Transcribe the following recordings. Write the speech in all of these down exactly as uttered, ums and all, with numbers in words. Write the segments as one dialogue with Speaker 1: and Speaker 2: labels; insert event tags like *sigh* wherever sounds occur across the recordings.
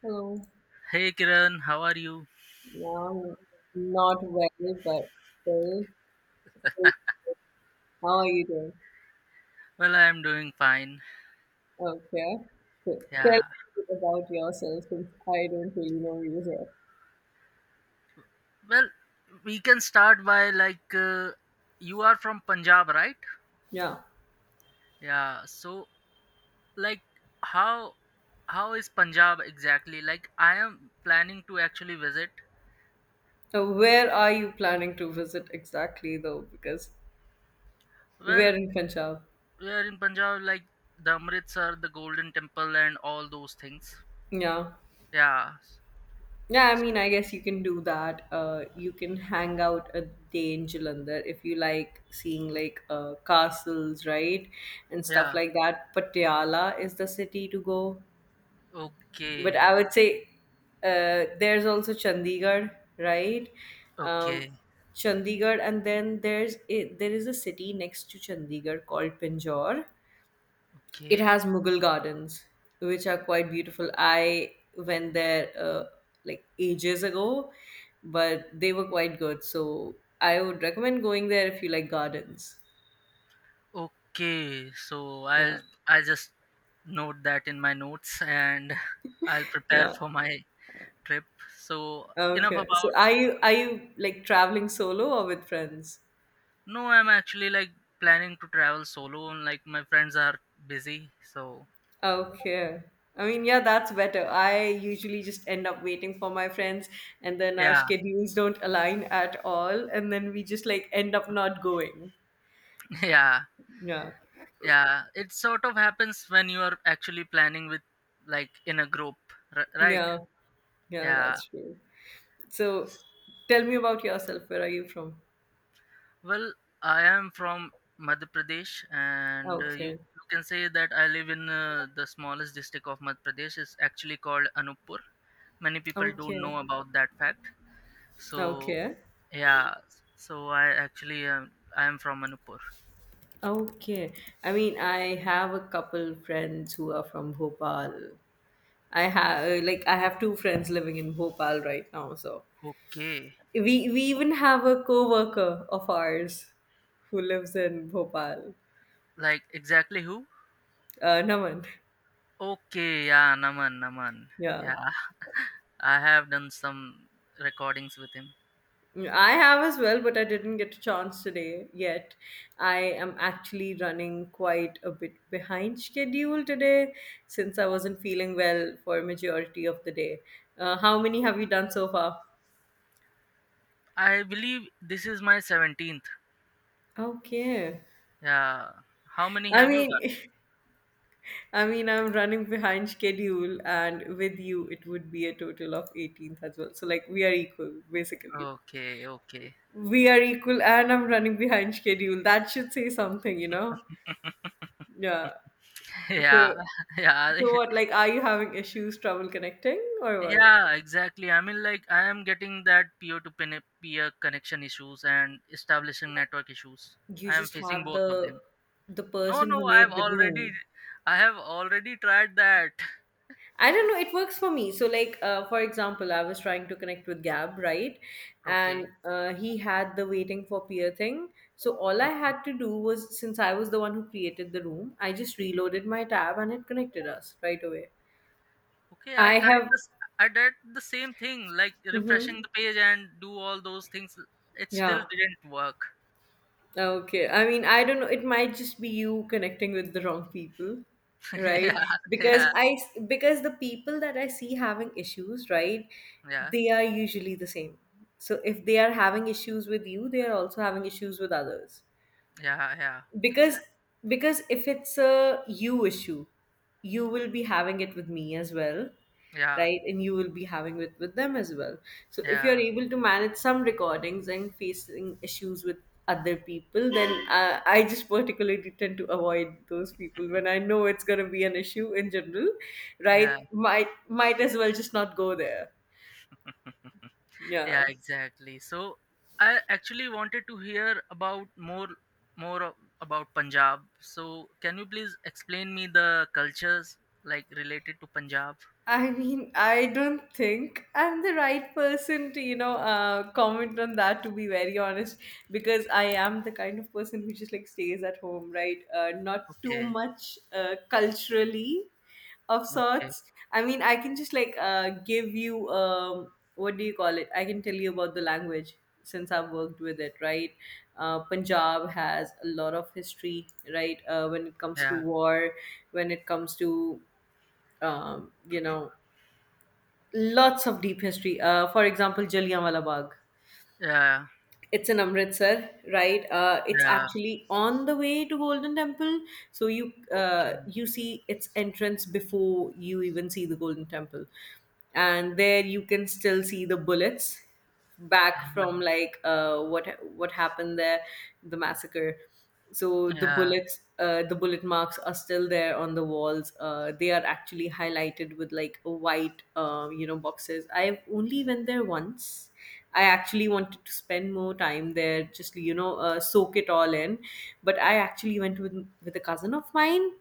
Speaker 1: Hello.
Speaker 2: Hey Kiran, how are you?
Speaker 1: No, I'm not well, but still, good. How are you doing?
Speaker 2: Well, I am doing fine.
Speaker 1: Okay. So tell
Speaker 2: Yeah.
Speaker 1: me about yourself since I don't really know you so.
Speaker 2: Well, we can start by like uh, you are from Punjab, right?
Speaker 1: Yeah.
Speaker 2: Yeah. So like how how is Punjab exactly? Like I am planning to actually visit.
Speaker 1: So where are you planning to visit exactly though? Because
Speaker 2: Well,
Speaker 1: we're in Punjab.
Speaker 2: we are in Punjab like the Amritsar, the Golden Temple and all those things.
Speaker 1: Yeah.
Speaker 2: Yeah.
Speaker 1: Yeah, I
Speaker 2: So,
Speaker 1: mean, I guess you can do that. Uh, you can hang out a day in Jalandhar if you like seeing like uh, castles, right? And stuff
Speaker 2: yeah.
Speaker 1: like that. Patiala is the city to go. But
Speaker 2: Okay.
Speaker 1: I would say uh, there's also Chandigarh, right? Um,
Speaker 2: Okay.
Speaker 1: Chandigarh, and then there's a, there is a city next to Chandigarh called Pinjore. It
Speaker 2: Okay.
Speaker 1: has Mughal gardens, which are quite beautiful. I went there uh, like ages ago, but they were quite good. So I would recommend going there if you like gardens.
Speaker 2: Okay, so I'll
Speaker 1: Yeah,
Speaker 2: I just note that in my notes and *laughs* I'll prepare
Speaker 1: yeah.
Speaker 2: for my trip. So enough
Speaker 1: Okay. So
Speaker 2: about
Speaker 1: are you are you like traveling solo or with friends?
Speaker 2: no, I'm actually like planning to travel solo and like my friends are busy. So
Speaker 1: Okay. I mean, yeah, that's better. I usually just end up waiting for my friends, and then our
Speaker 2: yeah,
Speaker 1: schedules don't align at all, and then we just like end up not going.
Speaker 2: *laughs* yeah,
Speaker 1: Yeah.
Speaker 2: yeah. It sort of happens when you are actually planning with like in a group, r- right?
Speaker 1: Yeah. Yeah,
Speaker 2: Yeah.
Speaker 1: that's true. So tell me about yourself. Where are you from?
Speaker 2: Well, I am from Madhya Pradesh, and uh, you,
Speaker 1: Okay.
Speaker 2: you can say that I live in uh, the smallest district of Madhya Pradesh. It's actually called Anuppur. Many people don't
Speaker 1: Okay.
Speaker 2: know about that fact. So
Speaker 1: Okay.
Speaker 2: yeah, so I actually um, I am from Anuppur.
Speaker 1: Okay. I mean, I have a couple friends who are from Bhopal. I have like I have two friends living in Bhopal right now, so
Speaker 2: Okay,
Speaker 1: We we even have a coworker of ours who lives in Bhopal.
Speaker 2: like exactly who?
Speaker 1: Uh, Naman.
Speaker 2: Okay, yeah, Naman, Naman.
Speaker 1: Yeah.
Speaker 2: Yeah, I have done some recordings with him.
Speaker 1: I have as well, but I didn't get a chance today yet. I am actually running quite a bit behind schedule today since I wasn't feeling well for majority of the day. Uh, how many have you done so far?
Speaker 2: I believe this is my seventeenth.
Speaker 1: Okay.
Speaker 2: Yeah, how many
Speaker 1: I
Speaker 2: have you done?
Speaker 1: mean, *laughs* I mean, I'm running behind schedule, and with you, it would be a total of eighteenth as well. So, like, we are equal, basically.
Speaker 2: Okay, okay.
Speaker 1: We are equal, and I'm running behind schedule. That should say something, you know? Yeah.
Speaker 2: Yeah,
Speaker 1: So,
Speaker 2: *laughs* yeah,
Speaker 1: so
Speaker 2: I-
Speaker 1: what? Like, are you having issues, trouble connecting, or what?
Speaker 2: yeah, exactly. I mean like I am getting that peer to pen- peer connection issues and establishing network issues.
Speaker 1: You
Speaker 2: I am
Speaker 1: just
Speaker 2: facing
Speaker 1: have
Speaker 2: both of
Speaker 1: the
Speaker 2: them.
Speaker 1: the
Speaker 2: No,
Speaker 1: person
Speaker 2: no,
Speaker 1: who
Speaker 2: i have
Speaker 1: made the
Speaker 2: already
Speaker 1: room.
Speaker 2: I have already tried that. *laughs*
Speaker 1: I don't know, it works for me. So, like, uh, for example, I was trying to connect with Gab, right?
Speaker 2: Okay,
Speaker 1: And uh, he had the waiting for peer thing. So, all I
Speaker 2: okay,
Speaker 1: had to do was, since I was the one who created the room, I just reloaded my tab and it connected us right away.
Speaker 2: okay, I
Speaker 1: I
Speaker 2: tried
Speaker 1: have,
Speaker 2: this. I did the same thing like
Speaker 1: hmm,
Speaker 2: refreshing the page and do all those things. It still
Speaker 1: yeah.
Speaker 2: didn't work.
Speaker 1: Okay. I mean, I don't know. It might just be you connecting with the wrong people,
Speaker 2: *laughs*
Speaker 1: right?
Speaker 2: Yeah,
Speaker 1: Because
Speaker 2: yeah,
Speaker 1: I because the people that I see having issues, right?
Speaker 2: yeah,
Speaker 1: They are usually the same. So if they are having issues with you, they are also having issues with others
Speaker 2: yeah, yeah,
Speaker 1: because
Speaker 2: exactly,
Speaker 1: because if it's a you issue, you will be having it with me as well,
Speaker 2: yeah,
Speaker 1: right, and you will be having it with them as well. So if you're
Speaker 2: yeah,
Speaker 1: able to manage some recordings and facing issues with other people, then uh, I just particularly tend to avoid those people when I know it's going to be an issue in general,
Speaker 2: yeah.
Speaker 1: right, might might as well just not go there.
Speaker 2: Yeah,
Speaker 1: Yeah.
Speaker 2: exactly. So I actually wanted to hear about more more of- about Punjab. So can you please explain me the cultures like related to Punjab?
Speaker 1: I mean, I don't think I'm the right person to, you know, uh, comment on that, to be very honest, because I am the kind of person who just like stays at home, right? Uh, not too
Speaker 2: Okay.
Speaker 1: much uh, culturally of
Speaker 2: Okay.
Speaker 1: sorts. I mean, I can just like uh, give you, um, what do you call it? I can tell you about the language since I've worked with it, right? Uh, Punjab has a lot of history, right? Uh, when it comes to
Speaker 2: Yeah.
Speaker 1: war, when it comes to, um, you know, lots of deep history. Uh, for example, Jallianwala Bagh.
Speaker 2: Yeah.
Speaker 1: It's in Amritsar, right? Uh, it's
Speaker 2: Yeah.
Speaker 1: actually on the way to Golden Temple, so you uh,
Speaker 2: Okay.
Speaker 1: you see its entrance before you even see the Golden Temple, and there you can still see the bullets back from like uh, what what happened there, the massacre. So the
Speaker 2: Yeah.
Speaker 1: bullets, uh, the bullet marks are still there on the walls. Uh, they are actually highlighted with like a white, uh, you know, boxes. I only went there once. I actually wanted to spend more time there, just you know, uh, soak it all in. But I actually went with with a cousin of mine,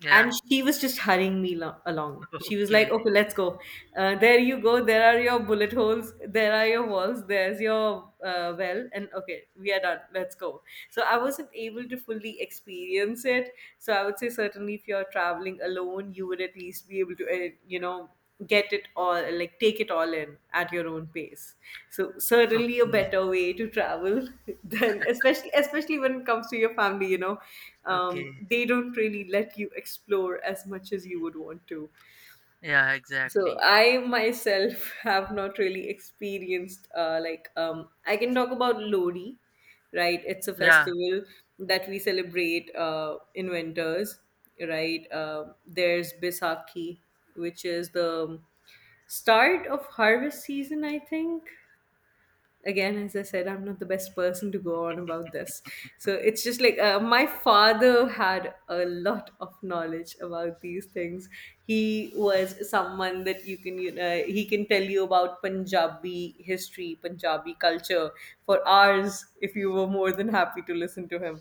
Speaker 2: Yeah.
Speaker 1: and she was just hurrying me lo- along.
Speaker 2: *laughs*
Speaker 1: She was
Speaker 2: Okay.
Speaker 1: like, "Okay, let's go. Uh, there you go. There are your bullet holes. There are your walls. There's your uh, well. And okay, we are done. Let's go." So I wasn't able to fully experience it. So I would say certainly if you're traveling alone, you would at least be able to, uh, you know, get it all, like take it all in at your own pace. So certainly a
Speaker 2: Okay.
Speaker 1: better way to travel *laughs* than especially especially when it comes to your family, you know,
Speaker 2: Okay.
Speaker 1: um, they don't really let you explore as much as you would want to.
Speaker 2: Yeah,
Speaker 1: So
Speaker 2: exactly.
Speaker 1: I myself *laughs* have not really experienced uh, like um, I can talk about Lodi, right? It's a
Speaker 2: Yeah.
Speaker 1: festival that we celebrate uh, in winters, right? Um there's Bisaki, which is the start of harvest season, I think. Again, as I said, I'm not the best person to go on about this. So it's just like uh, my father had a lot of knowledge about these things. He was someone that you can you know he can tell you about Punjabi history, Punjabi culture for hours, if you were more than happy to listen to him.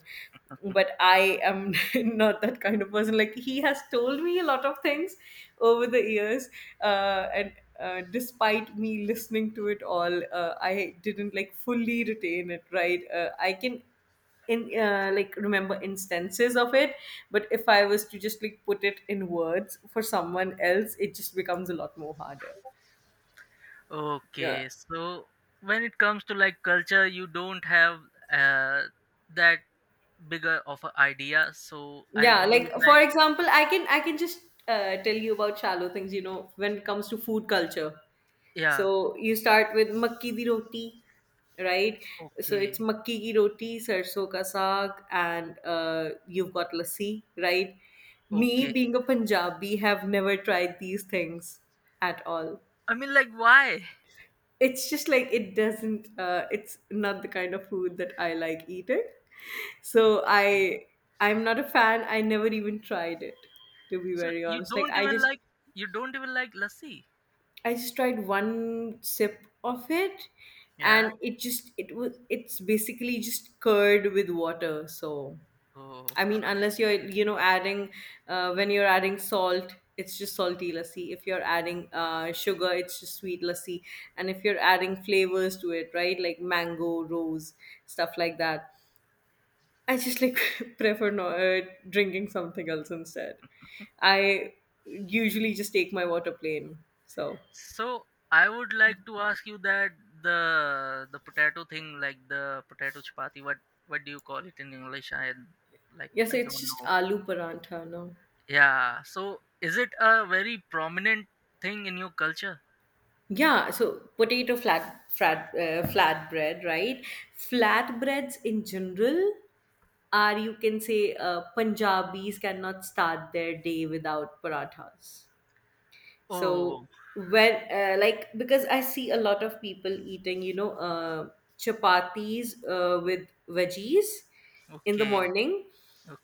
Speaker 1: But I am *laughs* not that kind of person. Like, he has told me a lot of things over the years, uh, and uh, despite me listening to it all, uh, I didn't like fully retain it. Right, uh, I can in uh, like remember instances of it, but if I was to just like put it in words for someone else, it just becomes a lot more harder. Yeah.
Speaker 2: Okay. So when it comes to like culture, you don't have uh that bigger of an idea. So I
Speaker 1: Yeah,
Speaker 2: believe
Speaker 1: like for
Speaker 2: like
Speaker 1: example, I can I can just uh, tell you about shallow things, you know, when it comes to food culture.
Speaker 2: yeah,
Speaker 1: So you start with makki di roti, right? So it's
Speaker 2: okay,
Speaker 1: makki ki roti, sarso ka saag, and uh, you've got lassi, right? Me
Speaker 2: okay.
Speaker 1: being a Punjabi have never tried these things at all.
Speaker 2: I mean like why?
Speaker 1: It's just like it doesn't uh, it's not the kind of food that I like eating, so
Speaker 2: Okay.
Speaker 1: i i'm not a fan. I never even tried it, to be
Speaker 2: So
Speaker 1: very
Speaker 2: you
Speaker 1: honest. Like,
Speaker 2: don't
Speaker 1: i
Speaker 2: even
Speaker 1: just
Speaker 2: like you don't even like lassi.
Speaker 1: i just tried one sip of it,
Speaker 2: Yeah.
Speaker 1: and it just it was it's basically just curd with water. So
Speaker 2: Oh.
Speaker 1: I mean, unless you're, you know, adding, uh, when you're adding salt, it's just salty lassi. If you're adding uh, sugar, it's just sweet lassi. And if you're adding flavors to it, right, like mango, rose, stuff like that, I just like *laughs* prefer no, uh, drinking something else instead. I usually just take my water plain. So,
Speaker 2: So I would like to ask you that the the potato thing like the potato chapati what what do you call it in English? I like
Speaker 1: yes,
Speaker 2: I
Speaker 1: it's
Speaker 2: don't
Speaker 1: just
Speaker 2: know.
Speaker 1: aloo parantha, no?
Speaker 2: Yeah. So is it a very prominent thing in your culture?
Speaker 1: Yeah, so potato flat flat uh, flatbread, right? Flatbreads in general are, you can say, uh, Punjabis cannot start their day without parathas.
Speaker 2: Oh,
Speaker 1: So when uh, like because I see a lot of people eating, you know, uh, chapatis uh, with veggies in the
Speaker 2: okay.
Speaker 1: morning,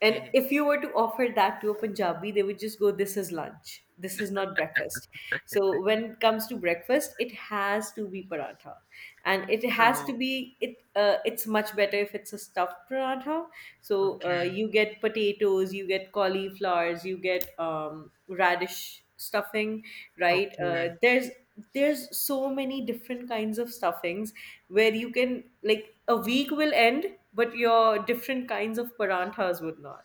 Speaker 1: and if you were to offer that to a Punjabi, they would just go, "This is lunch. This is not breakfast." So when it comes to breakfast, it has to be paratha, and it has
Speaker 2: So,
Speaker 1: to be it. Uh, it's much better if it's a stuffed paratha, so uh,
Speaker 2: okay.
Speaker 1: you get potatoes, you get cauliflowers, you get um, radish stuffing, right? Uh,
Speaker 2: Okay. *laughs*
Speaker 1: there's there's so many different kinds of stuffings, where you can, like, a week will end, but your different kinds of paranthas would not.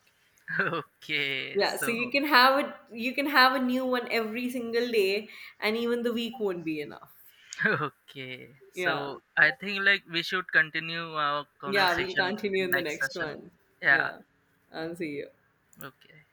Speaker 2: Okay.
Speaker 1: Yeah, so you
Speaker 2: So,
Speaker 1: can have it. You can have a new one every single day, and even the week won't be enough.
Speaker 2: *laughs* okay.
Speaker 1: Yeah,
Speaker 2: So, I think like we should continue our
Speaker 1: yeah. We'll
Speaker 2: conversation
Speaker 1: continue
Speaker 2: in
Speaker 1: in the
Speaker 2: next
Speaker 1: next
Speaker 2: session.
Speaker 1: one.
Speaker 2: Yeah.
Speaker 1: Yeah, I'll see you.
Speaker 2: Okay.